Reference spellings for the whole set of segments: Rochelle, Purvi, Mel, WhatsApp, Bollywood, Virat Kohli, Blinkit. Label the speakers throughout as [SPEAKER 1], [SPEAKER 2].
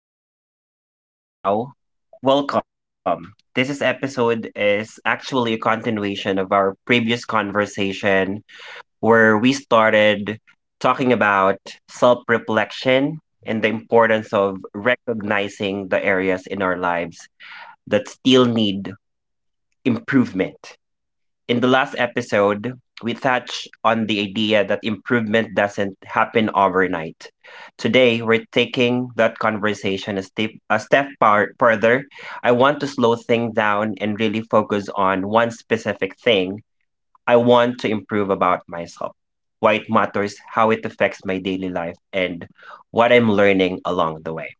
[SPEAKER 1] If you are just joining us now, welcome. This is episode is actually a continuation of our previous conversation where we started talking about self-reflection and the importance of recognizing the areas in our lives that still need improvement. In the last episode, we touched on the idea that improvement doesn't happen overnight. Today, we're taking that conversation further. I want to slow things down and really focus on one specific thing I want to improve about myself, why it matters, how it affects my daily life, and what I'm learning along the way.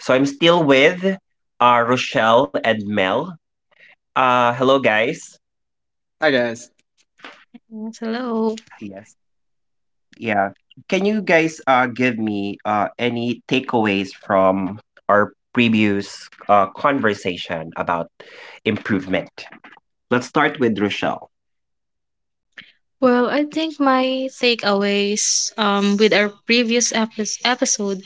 [SPEAKER 1] So I'm still with Rochelle and Mel. Hello, guys.
[SPEAKER 2] Hi guys.
[SPEAKER 3] Yes, hello.
[SPEAKER 1] Yes. Yeah. Can you guys give me any takeaways from our previous conversation about improvement? Let's start with Rochelle.
[SPEAKER 3] Well, I think my takeaways with our previous episode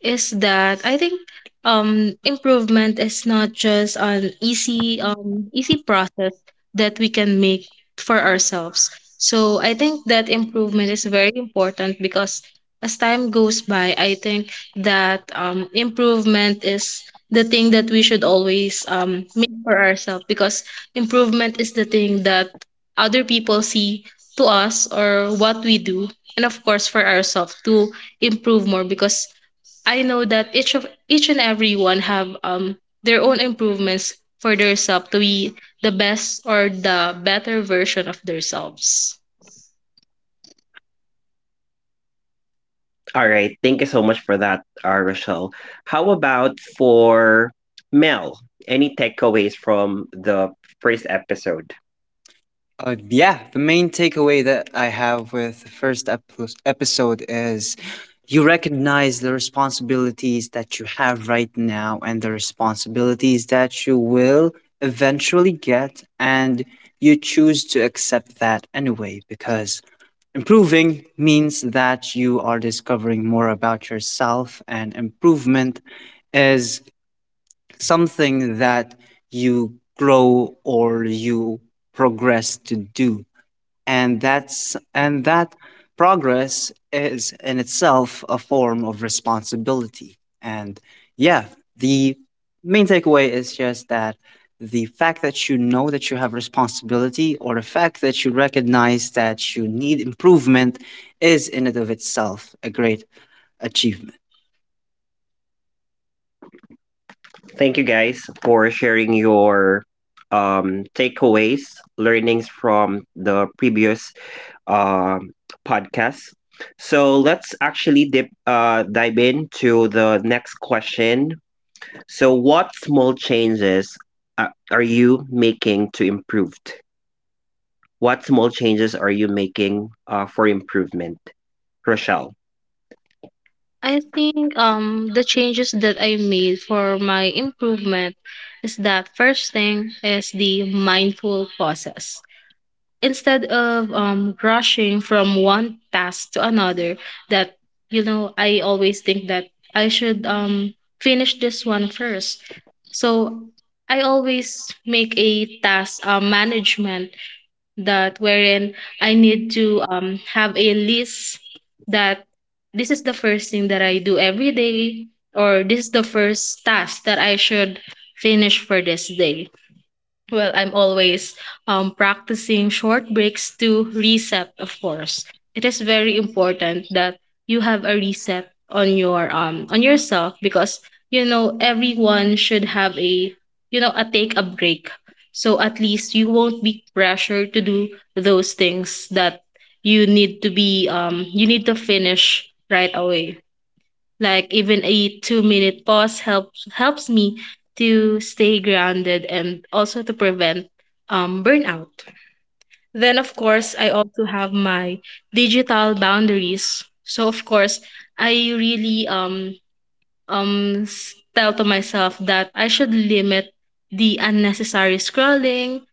[SPEAKER 3] is that I think improvement is not just an easy easy process that we can make for ourselves. So I think that improvement is very important because as time goes by, I think that improvement is the thing that we should always make for ourselves, because improvement is the thing that other people see to us or what we do, and of course for ourselves to improve more, because I know that each and everyone have their own improvements for themselves to be the best or the better version of themselves.
[SPEAKER 1] All right, thank you so much for that, Rochelle. How about for Mel? Any takeaways from the first episode?
[SPEAKER 2] Yeah, the main takeaway that I have with the first episode is you recognize the responsibilities that you have right now and the responsibilities that you will eventually get, and you choose to accept that anyway because improving means that you are discovering more about yourself, and improvement is something that you grow or you progress to do and that progress is in itself a form of responsibility and yeah, the main takeaway is just that the fact that you know that you have responsibility, or the fact that you recognize that you need improvement is in and of itself a great achievement.
[SPEAKER 1] Thank you guys for sharing your takeaways, learnings from the previous um, podcast. So let's actually dive into the next question. So, what small changes are you making to improve? What small changes are you making for improvement, Rochelle?
[SPEAKER 3] I think the changes that I made for my improvement is that first thing is the mindful process. Instead of rushing from one task to another, that, you know, I always think that I should finish this one first, so I always make a task management that wherein I need to have a list that this is the first thing that I do every day, or this is the first task that I should finish for this day. Well, I'm always practicing short breaks to reset, of course. It is very important that you have a reset on your on yourself, because you know everyone should have a, you know, a take a break. So at least you won't be pressured to do those things that you need to finish right away. Like even a 2-minute pause helps me to stay grounded and also to prevent burnout. Then of course, I also have my digital boundaries. So of course, I really tell to myself that I should limit the unnecessary scrolling.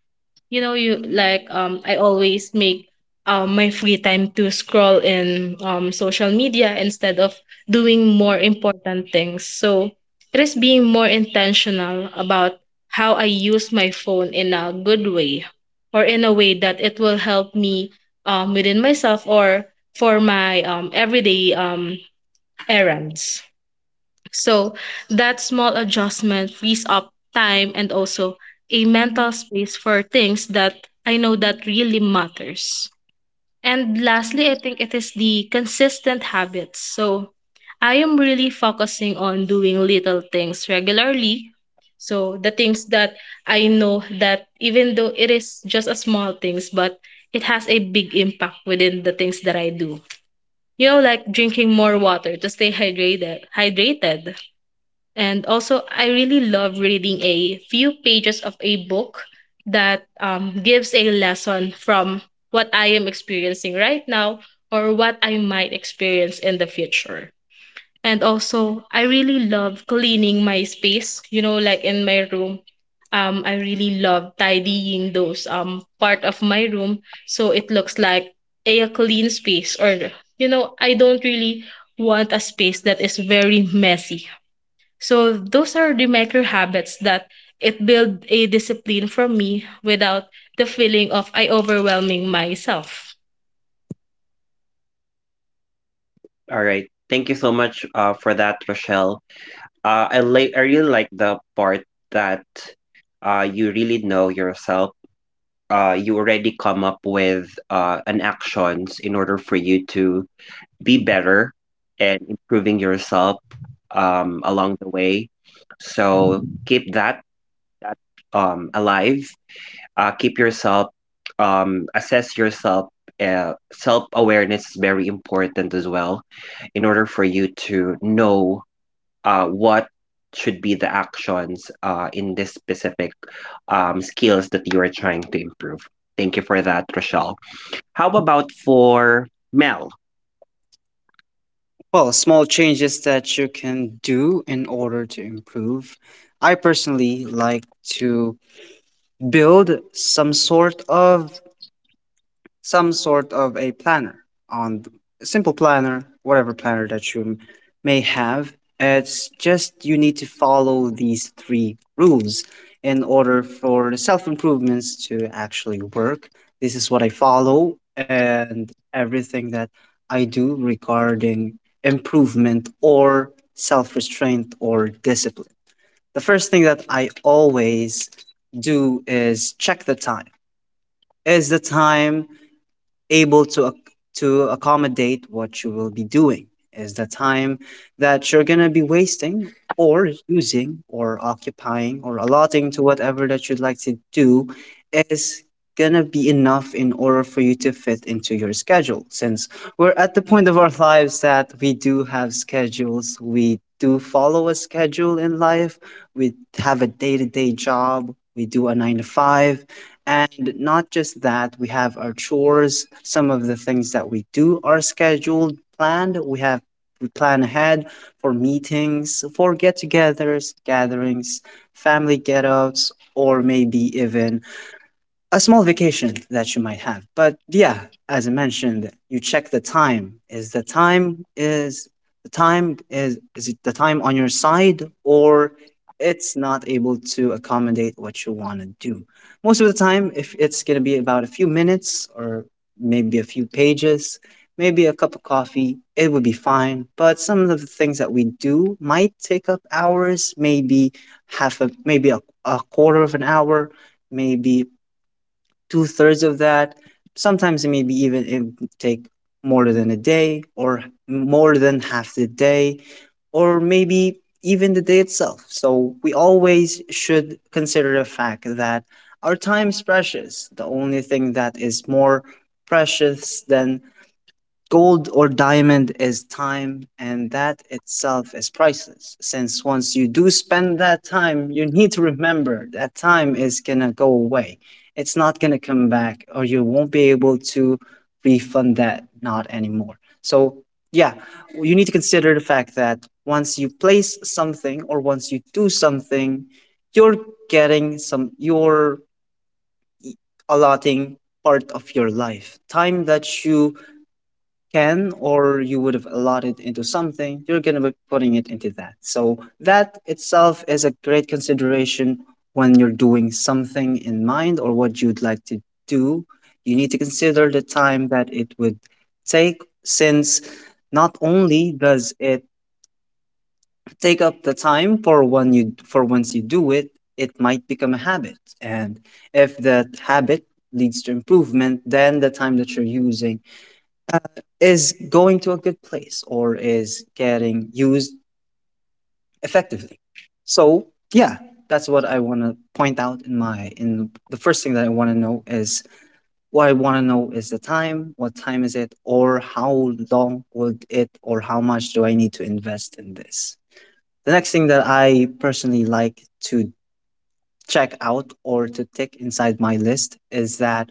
[SPEAKER 3] You know, you like, I always make my free time to scroll in social media instead of doing more important things, so it is being more intentional about how I use my phone in a good way, or in a way that it will help me within myself or for my everyday errands. So that small adjustment frees up time and also a mental space for things that I know that really matters. And lastly, I think it is the consistent habits. So I am really focusing on doing little things regularly. So the things that I know that even though it is just a small things, but it has a big impact within the things that I do. You know, like drinking more water to stay hydrated. Hydrated. And also, I really love reading a few pages of a book that, gives a lesson from what I am experiencing right now or what I might experience in the future. And also, I really love cleaning my space, you know, like in my room. I really love tidying those part of my room, so it looks like a clean space. Or, you know, I don't really want a space that is very messy, so those are the micro habits that it build a discipline from me without the feeling of I overwhelming myself.
[SPEAKER 1] All right. Thank you so much for that, Rochelle. Like I really like the part that you really know yourself. You already come up with an actions in order for you to be better and improving yourself along the way. So keep that alive. Keep yourself, assess yourself. Self awareness is very important as well in order for you to know what should be the actions in this specific skills that you are trying to improve. Thank you for that, Rochelle. How about for Mel?
[SPEAKER 2] Well, small changes that you can do in order to improve. I personally like to build some sort of a planner on a simple planner, whatever planner that you may have. It's just you need to follow these three rules in order for the self improvements to actually work. This is what I follow, and everything that I do regarding improvement or self restraint or discipline, the first thing that I always do is check the time. Is the time able to to accommodate what you will be doing? Is the time that you're going to be wasting or using or occupying or allotting to whatever that you'd like to do is going to be enough in order for you to fit into your schedule, since we're at the point of our lives that we do have schedules? We do follow a schedule in life. We have a day-to-day job. We do a 9 to 5, and not just that, we have our chores. Some of the things that we do are scheduled, planned. We have we plan ahead for meetings, for get-togethers, gatherings, family get-outs, or maybe even a small vacation that you might have. But yeah, as I mentioned, you check the time. Is is it the time on your side, or it's not able to accommodate what you want to do? Most of the time, if it's going to be about a few minutes or maybe a few pages, maybe a cup of coffee, it would be fine. But some of the things that we do might take up hours, maybe half a maybe a quarter of an hour, maybe two thirds of that. Sometimes it may be even it take more than a day or more than half the day, or maybe even the day itself. So we always should consider the fact that our time is precious. The only thing that is more precious than gold or diamond is time, and that itself is priceless. Since once you do spend that time, you need to remember that time is gonna go away. It's not gonna come back, or you won't be able to refund that, not anymore. So, yeah, you need to consider the fact that once you place something or once you do something, you're getting some, you're e-, allotting part of your life. Time that you can or you would have allotted into something, you're going to be putting it into that. So that itself is a great consideration when you're doing something in mind or what you'd like to do. You need to consider the time that it would take, since not only does it take up the time for when you for once you do it, it might become a habit. And if that habit leads to improvement, then the time that you're using is going to a good place or is getting used effectively. So yeah, that's what I want to point out. In the first thing that I want to know is, what I want to know is the time. What time is it, or how long would it, or how much do I need to invest in this? The next thing that I personally like to check out or to tick inside my list is that,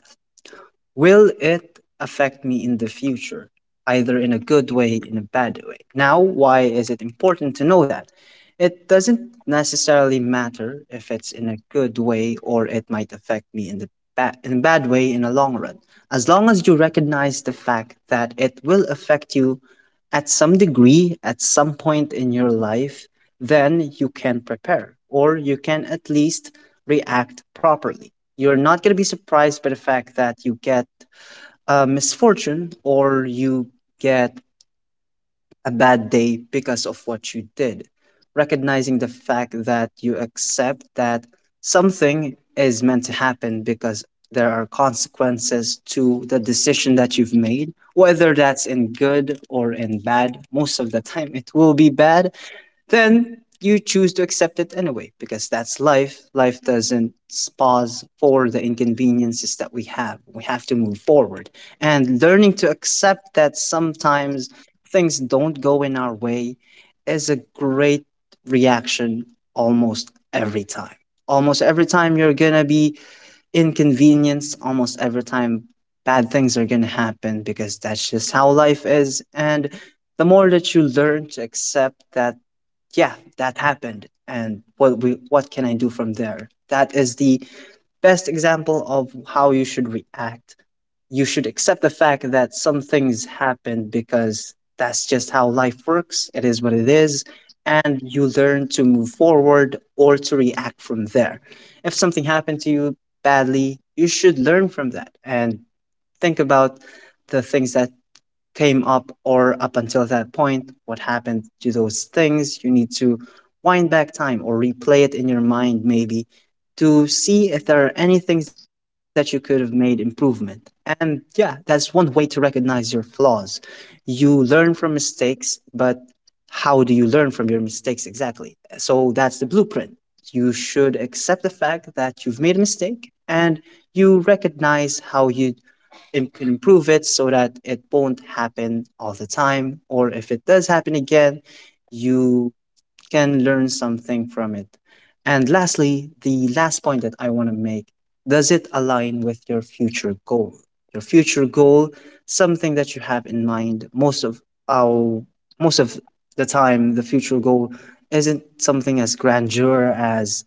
[SPEAKER 2] will it affect me in the future, either in a good way, in a bad way? Now, why is it important to know that? It doesn't necessarily matter if it's in a good way or it might affect me in the bad in a bad way in the long run. As long as you recognize the fact that it will affect you at some degree at some point in your life, then you can prepare, or you can at least react properly. You're not going to be surprised by the fact that you get a misfortune, or you get a bad day because of what you did. Recognizing the fact that you accept that something is meant to happen, because there are consequences to the decision that you've made, whether that's in good or in bad. Most of the time, it will be bad, then you choose to accept it anyway because that's life. Life doesn't pause for the inconveniences that we have. We have to move forward. And learning to accept that sometimes things don't go in our way is a great reaction almost every time. Almost every time you're going to be inconvenience, almost every time bad things are going to happen, because that's just how life is. And the more that you learn to accept that, yeah, that happened, and what can I do from there, that is the best example of how you should react. You should accept the fact that some things happen, because that's just how life works. It is what it is. And you learn to move forward or to react from there. If something happened to you badly, you should learn from that and think about the things that came up, or up until that point, what happened to those things. You need to wind back time or replay it in your mind, maybe, to see if there are any things that you could have made improvement. And yeah, that's one way to recognize your flaws. You learn from mistakes, but how do you learn from your mistakes exactly? So that's the blueprint. You should accept the fact that you've made a mistake, and you recognize how you improve it, so that it won't happen all the time. Or if it does happen again, you can learn something from it. And lastly, the last point that I want to make, does it align with your future goal? Your future goal, something that you have in mind. Our Most of the time, the future goal isn't something as grandeur as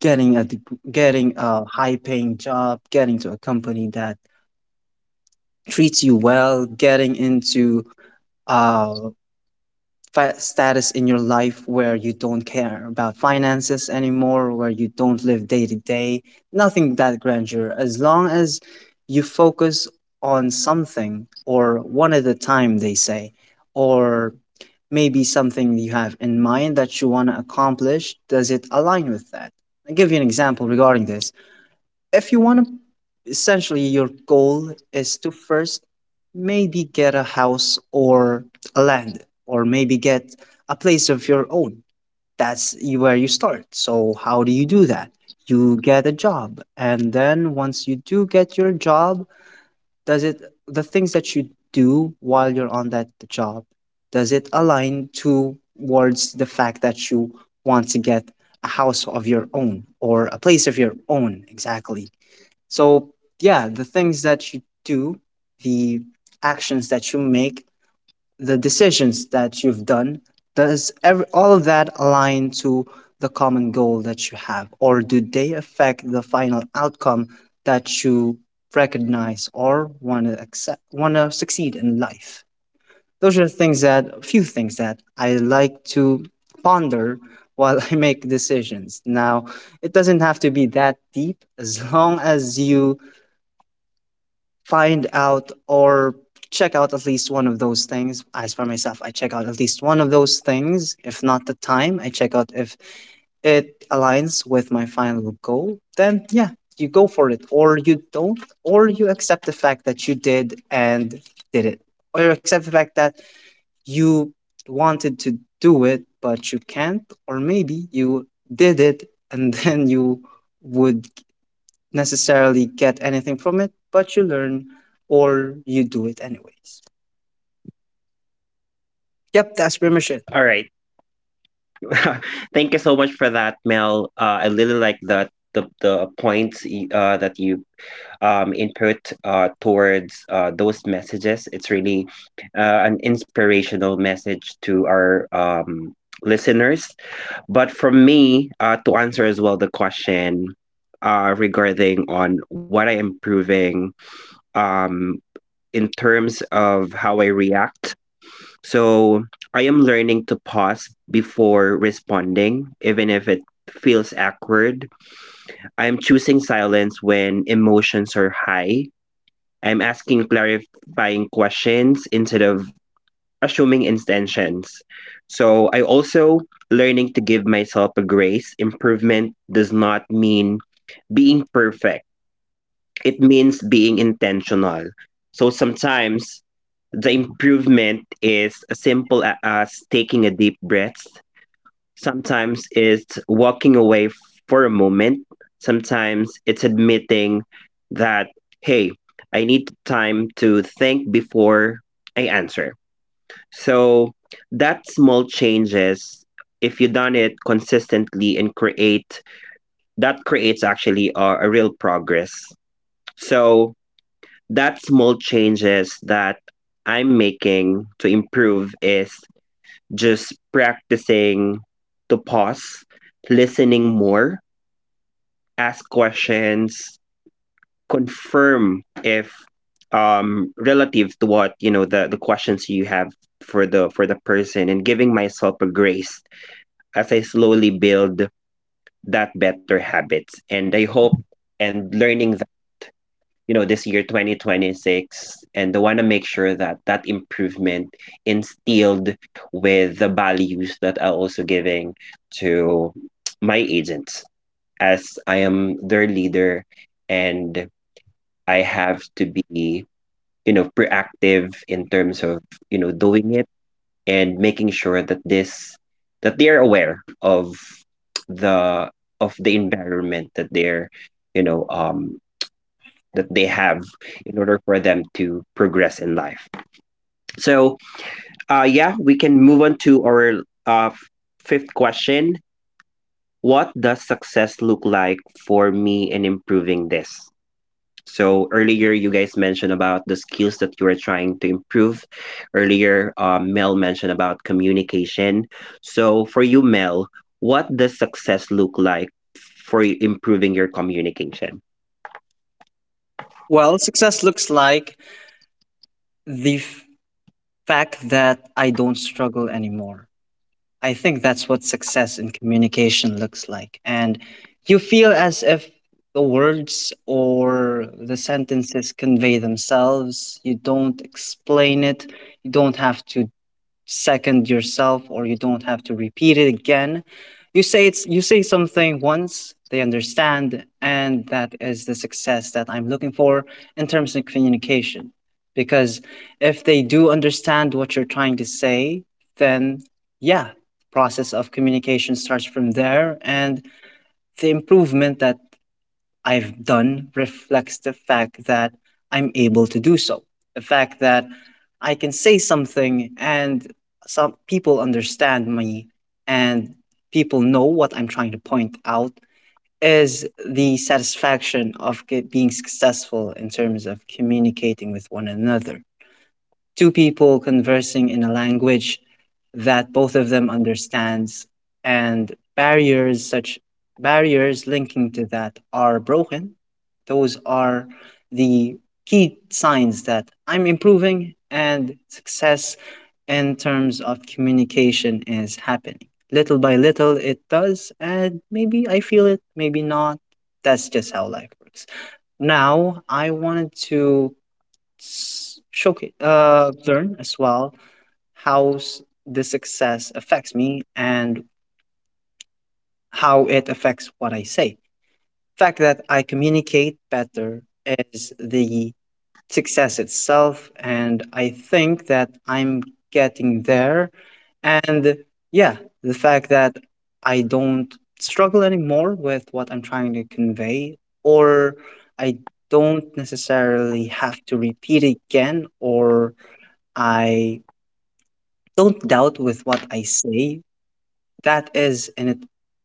[SPEAKER 2] getting a high paying job, getting to a company that treats you well, getting into uh, status in your life where you don't care about finances anymore, where you don't live day to day, nothing that grandeur. As long as you focus on something or one at a time, they say, or maybe something you have in mind that you want to accomplish, does it align with that? I'll give you an example regarding this. If you want to, essentially your goal is to first maybe get a house, or a land, or maybe get a place of your own, where you start. So how do you do that? You get a job, and then once you do get your job, does it the things that you do while you're on that job, does it align towards the fact that you want to get a house of your own or a place of your own exactly? So, yeah, the things that you do, the actions that you make, the decisions that you've done, does all of that align to the common goal that you have? Or do they affect the final outcome that you recognize or want to accept, want to succeed in life? Those are the things that, a few things that I like to ponder while I make decisions. Now, it doesn't have to be that deep, as long as you find out or check out at least one of those things. As for myself, I check out at least one of those things. If not the time, I check out if it aligns with my final goal, then yeah, you go for it. Or you don't, or you accept the fact that you did and did it. Or you accept the fact that you wanted to do it, but you can't. Or maybe you did it and then you would necessarily get anything from it, but you learn, or you do it anyways. Yep, that's pretty much it.
[SPEAKER 1] All right. Thank you so much for that, Mel. I really like that the points that you input towards those messages. It's really an inspirational message to our listeners. But from me, to answer as well the question regarding on what I am proving um, in terms of how I react. So I am learning to pause before responding, even if it feels awkward. I am choosing silence when emotions are high. I'm asking clarifying questions instead of assuming intentions. So I also learning to give myself a grace. Improvement does not mean being perfect, it means being intentional. So sometimes the improvement is as taking a deep breath. Sometimes it's walking for a moment. Sometimes it's admitting that, hey, I need time to think before I answer. So that small changes, if you done it consistently that creates actually a real progress. So that small changes that I'm making to improve is just practicing to pause, listening more, ask questions, confirm if relative to what you know the questions you have for the person, and giving myself a grace as I slowly build that better habits. And I hope and learning, you know, this year 2026, and they want to make sure that that improvement instilled with the values that I also giving to my agents as I am their leader. And I have to be, you know, proactive in terms of, you know, doing it and making sure that this that they are aware the of the environment that they're, you know, that they have in order for them to progress in life. So, yeah, we can move on to our uh, fifth question. What does success look like for me in improving this? So earlier, you guys mentioned about the skills that you were trying to improve. Earlier, Mel mentioned about communication. So for you, Mel, what does success look like for improving your communication?
[SPEAKER 2] Well, success looks like the fact that I don't struggle anymore. I think that's what success in communication looks like. And you feel as if the words or the sentences convey themselves. You don't explain it. You don't have to second yourself or you don't have to repeat it again. You say it's you say something once, they understand, and that is the success that I'm looking for in terms of communication. Because if they do understand what you're trying to say, then, yeah, process of communication starts from there. And the improvement that I've done reflects the fact that I'm able to do so. The fact that I can say something and some people understand me and people know what I'm trying to point out is the satisfaction of being successful in terms of communicating with one another. Two people conversing in a language that both of them understands, and barriers linking to that are broken. Those are the key signs that I'm improving, and success in terms of communication is happening little by little. It does, and maybe I feel it, maybe not. That's just how life works. Now I wanted to learn as well how the success affects me and how it affects what I say. Fact that I communicate better is the success itself, and I think that I'm getting there. And, yeah, the fact that I don't struggle anymore with what I'm trying to convey, or I don't necessarily have to repeat again, or I don't doubt with what I say, that is in it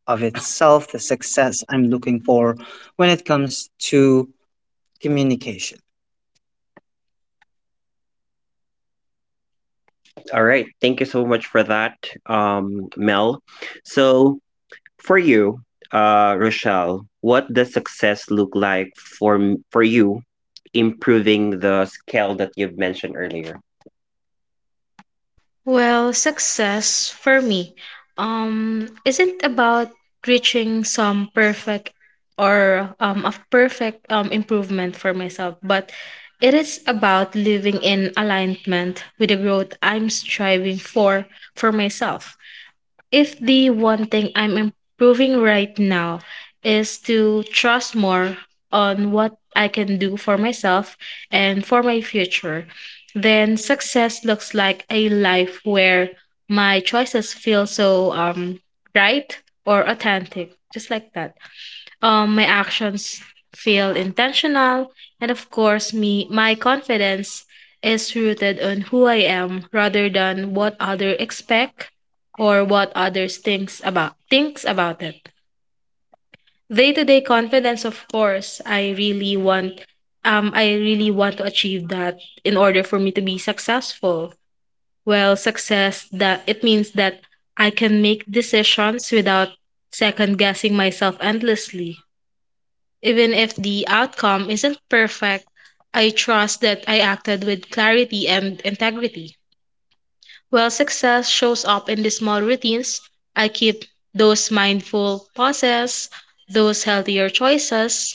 [SPEAKER 2] of itself the success I'm looking for when it comes to communication.
[SPEAKER 1] All right. Thank you so much for that, Mel. So, for you, Rochelle, what does success look like for you, improving the scale that you've mentioned earlier?
[SPEAKER 3] Well, success for me isn't about reaching some perfect or a perfect improvement for myself, but it is about living in alignment with the growth I'm striving for myself. If the one thing I'm improving right now is to trust more on what I can do for myself and for my future, then success looks like a life where my choices feel so right or authentic, just like that. My actions feel intentional, and of course, me my confidence is rooted on who I am rather than what others expect or what others thinks about it. Day to day confidence, of course, I really want to achieve that in order for me to be successful. Well, success that it means that I can make decisions without second guessing myself endlessly. Even if the outcome isn't perfect, I trust that I acted with clarity and integrity. While success shows up in the small routines, I keep those mindful pauses, those healthier choices,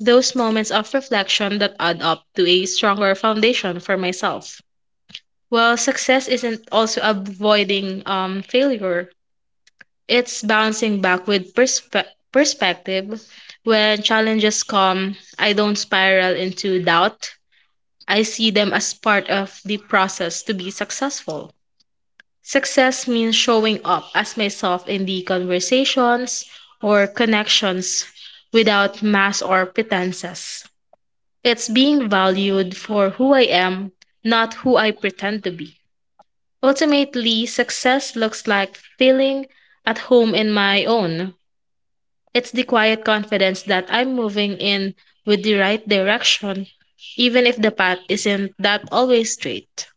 [SPEAKER 3] those moments of reflection that add up to a stronger foundation for myself. Well, success isn't also avoiding failure. It's bouncing back with perspective. When challenges come, I don't spiral into doubt. I see them as part of the process to be successful. Success means showing up as myself in the conversations or connections without mask or pretenses. It's being valued for who I am, not who I pretend to be. Ultimately, success looks like feeling at home in my own. It's the quiet confidence that I'm moving in with the right direction, even if the path isn't that always straight.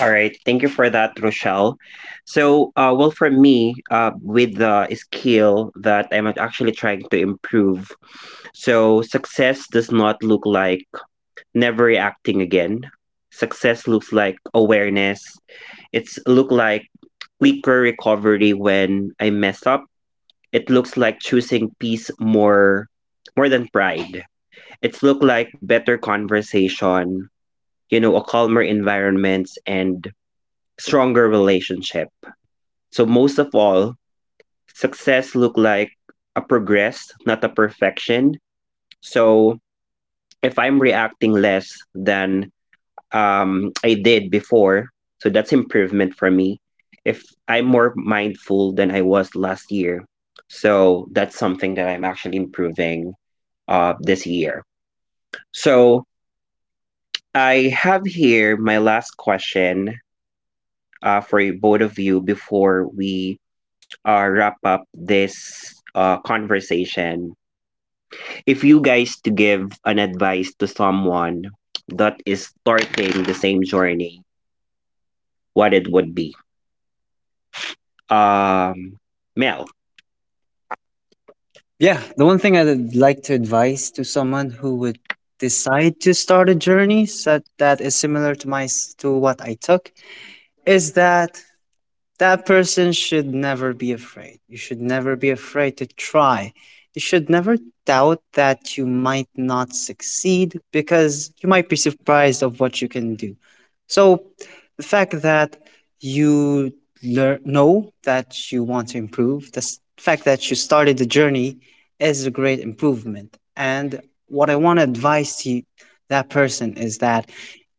[SPEAKER 1] All right. Thank you for that, Rochelle. So, well, for me, with the skill that I'm actually trying to improve, so success does not look like never reacting again. Success looks like awareness. It's look like quicker recovery when I mess up. It looks like choosing peace more than pride. It's look like better conversation, you know, a calmer environment and stronger relationship. So most of all, success look like a progress, not a perfection. So if I'm reacting less than I did before. So that's improvement for me. If I'm more mindful than I was last year, so that's something that I'm actually improving this year. So I have here my last question for both of you before we wrap up this conversation. If you guys to give an advice to someone that is starting the same journey, what it would be? um Mel.
[SPEAKER 2] Yeah, the one thing I'd like to advise to someone who would decide to start a journey so that is similar to to what I took is that that person should never be afraid. You should never be afraid to try. You should never doubt that you might not succeed, because you might be surprised of what you can do. So the fact that you learn know that you want to improve, the fact that you started the journey, is a great improvement. And what I want to advise to you, that person, is that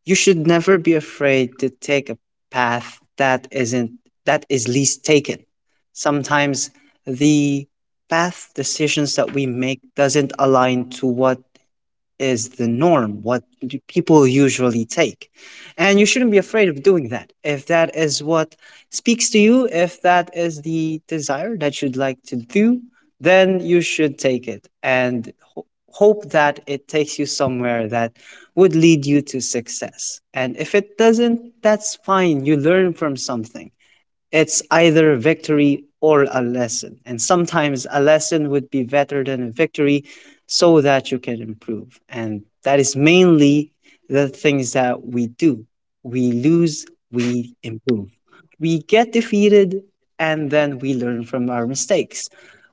[SPEAKER 2] you should never be afraid to take a path that isn't that is least taken. Sometimes the path decisions that we make doesn't align to what is the norm, what do people usually take. And you shouldn't be afraid of doing that. If that is what speaks to you, if that is the desire that you'd like to do, then you should take it and hope that it takes you somewhere that would lead you to success. And if it doesn't, that's fine. You learn from something. It's either a victory or a lesson. And sometimes a lesson would be better than a victory, so that you can improve. And that is mainly the things that we do. We lose, we improve. We get defeated, and then we learn from our mistakes.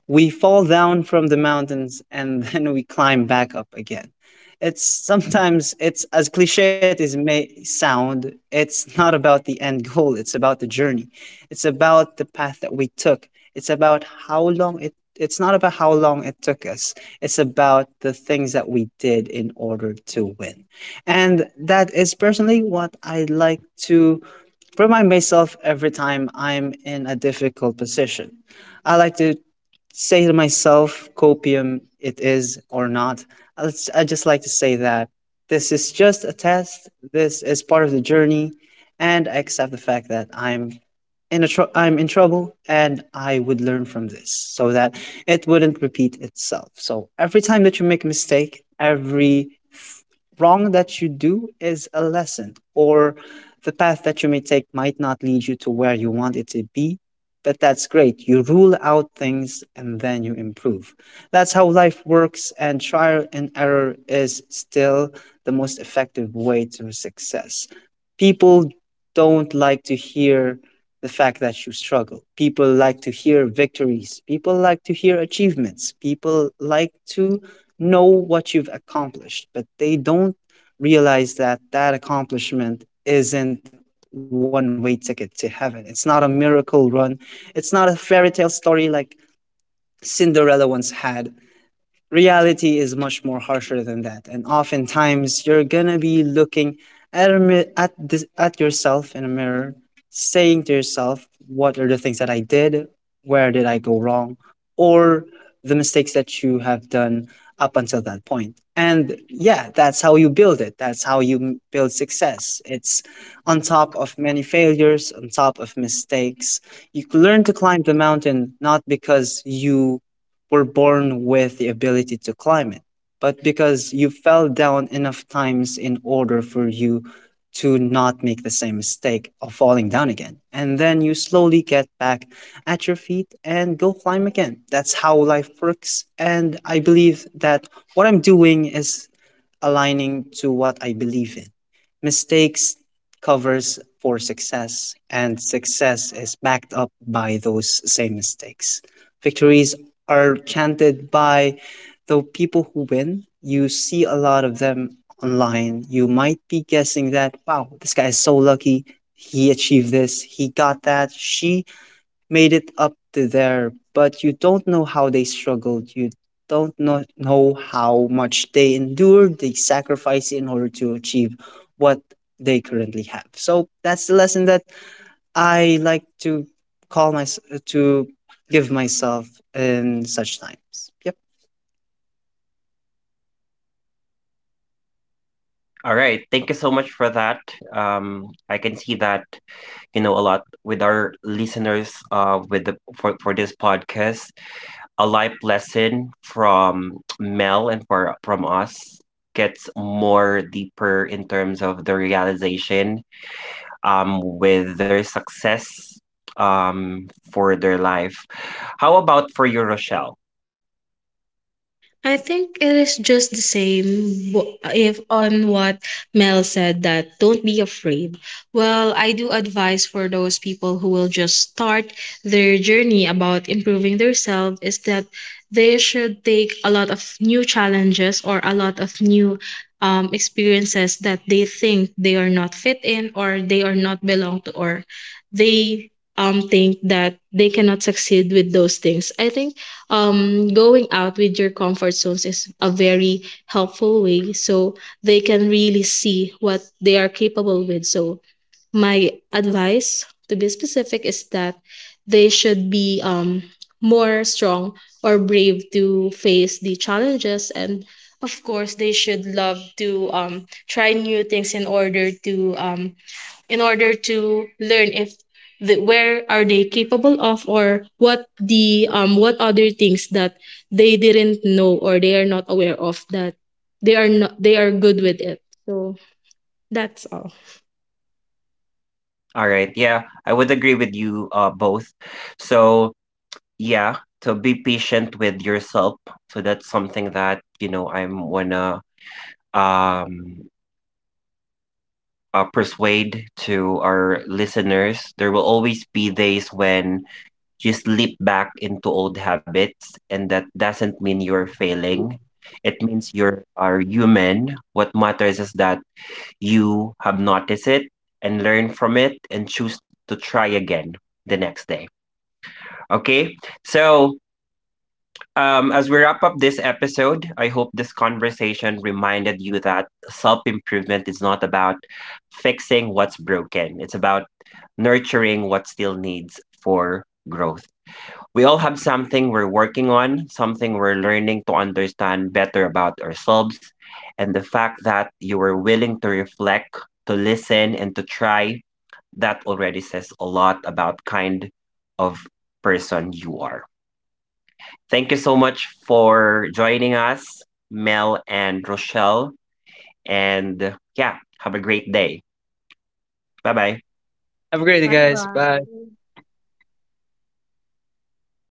[SPEAKER 2] We fall down from the mountains and then we climb back up again. It's sometimes, it's as cliche it is may sound, it's not about the end goal, it's about the journey, it's about the path that we took. It's about how long it it's not about how long it took us. It's about the things that we did in order to win. And that is personally what I like to remind myself every time I'm in a difficult position. I like to say to myself, copium, it is or not. I just like to say that this is just a test, this is part of the journey, and I accept the fact that I'm in a I'm in trouble, and I would learn from this so that it wouldn't repeat itself. So every time that you make a mistake, every wrong that you do is a lesson, or the path that you may take might not lead you to where you want it to be, but that's great. You rule out things and then you improve. That's how life works, and trial and error is still the most effective way to success. People don't like to hear the fact that you struggle. People like to hear victories. People like to hear achievements. People like to know what you've accomplished, but they don't realize that that accomplishment isn't one way ticket to heaven. It's not a miracle run. It's not a fairy tale story like Cinderella once had. Reality is much more harsher than that, and oftentimes you're gonna be looking at a at yourself in a mirror, saying to yourself, what are the things that I did, where did I go wrong, or the mistakes that you have done up until that point. And, yeah, that's how you build it, that's how you build success. It's on top of many failures, on top of mistakes. You learn to climb the mountain not because you were born with the ability to climb it, but because you fell down enough times in order for you to not make the same mistake of falling down again. And then you slowly get back at your feet and go climb again. That's how life works. And I believe that what I'm doing is aligning to what I believe in. Mistakes covers for success, and success is backed up by those same mistakes. Victories are chanted by the people who win. You see a lot of them online. You might be guessing that, wow, this guy is so lucky. He achieved this, he got that, she made it up to there. But you don't know how they struggled. You don't know how much they endured, they sacrificed in order to achieve what they currently have. So that's the lesson that I like to call my to give myself in such times. Yep.
[SPEAKER 1] All right. Thank you so much for that. I can see that you know a lot with our listeners. With the for this podcast, a life lesson from Mel and for from us gets more deeper in terms of the realization with their success um for their life. How about for you, Rochelle?
[SPEAKER 3] I think it is just the same if on what Mel said, that don't be afraid. Well, I do advise for those people who will just start their journey about improving themselves is that they should take a lot of new challenges or a lot of new, experiences that they think they are not fit in, or they are not belong to, or they think that they cannot succeed with those things. I think going out with your comfort zones is a very helpful way, so they can really see what they are capable with. So my advice to be specific is that they should be more strong or brave to face the challenges, and of course they should love to try new things in order to learn if the, where are they capable of, or what the what other things that they didn't know or they are not aware of, that they are not they are good with it. So that's all.
[SPEAKER 1] All right. Yeah, I would agree with you both. So, yeah, to be patient with yourself. So that's something that, you know, I'm wanna um persuade to our listeners. There will always be days when you slip back into old habits, and that doesn't mean you're failing. It means you're are human. What matters is that you have noticed it and learn from it and choose to try again the next day. Okay? So as we wrap up this episode, I hope this conversation reminded you that self improvement is not about fixing what's broken, it's about nurturing what still needs for growth. We all have something we're working on, something we're learning to understand better about ourselves. And the fact that you were willing to reflect, to listen, and to try, that already says a lot about kind of person you are. Thank you so much for joining us, Mel and Rochelle. And yeah, have a great day. Bye bye.
[SPEAKER 2] Have a great day,
[SPEAKER 3] Bye
[SPEAKER 2] guys. Bye.
[SPEAKER 3] bye.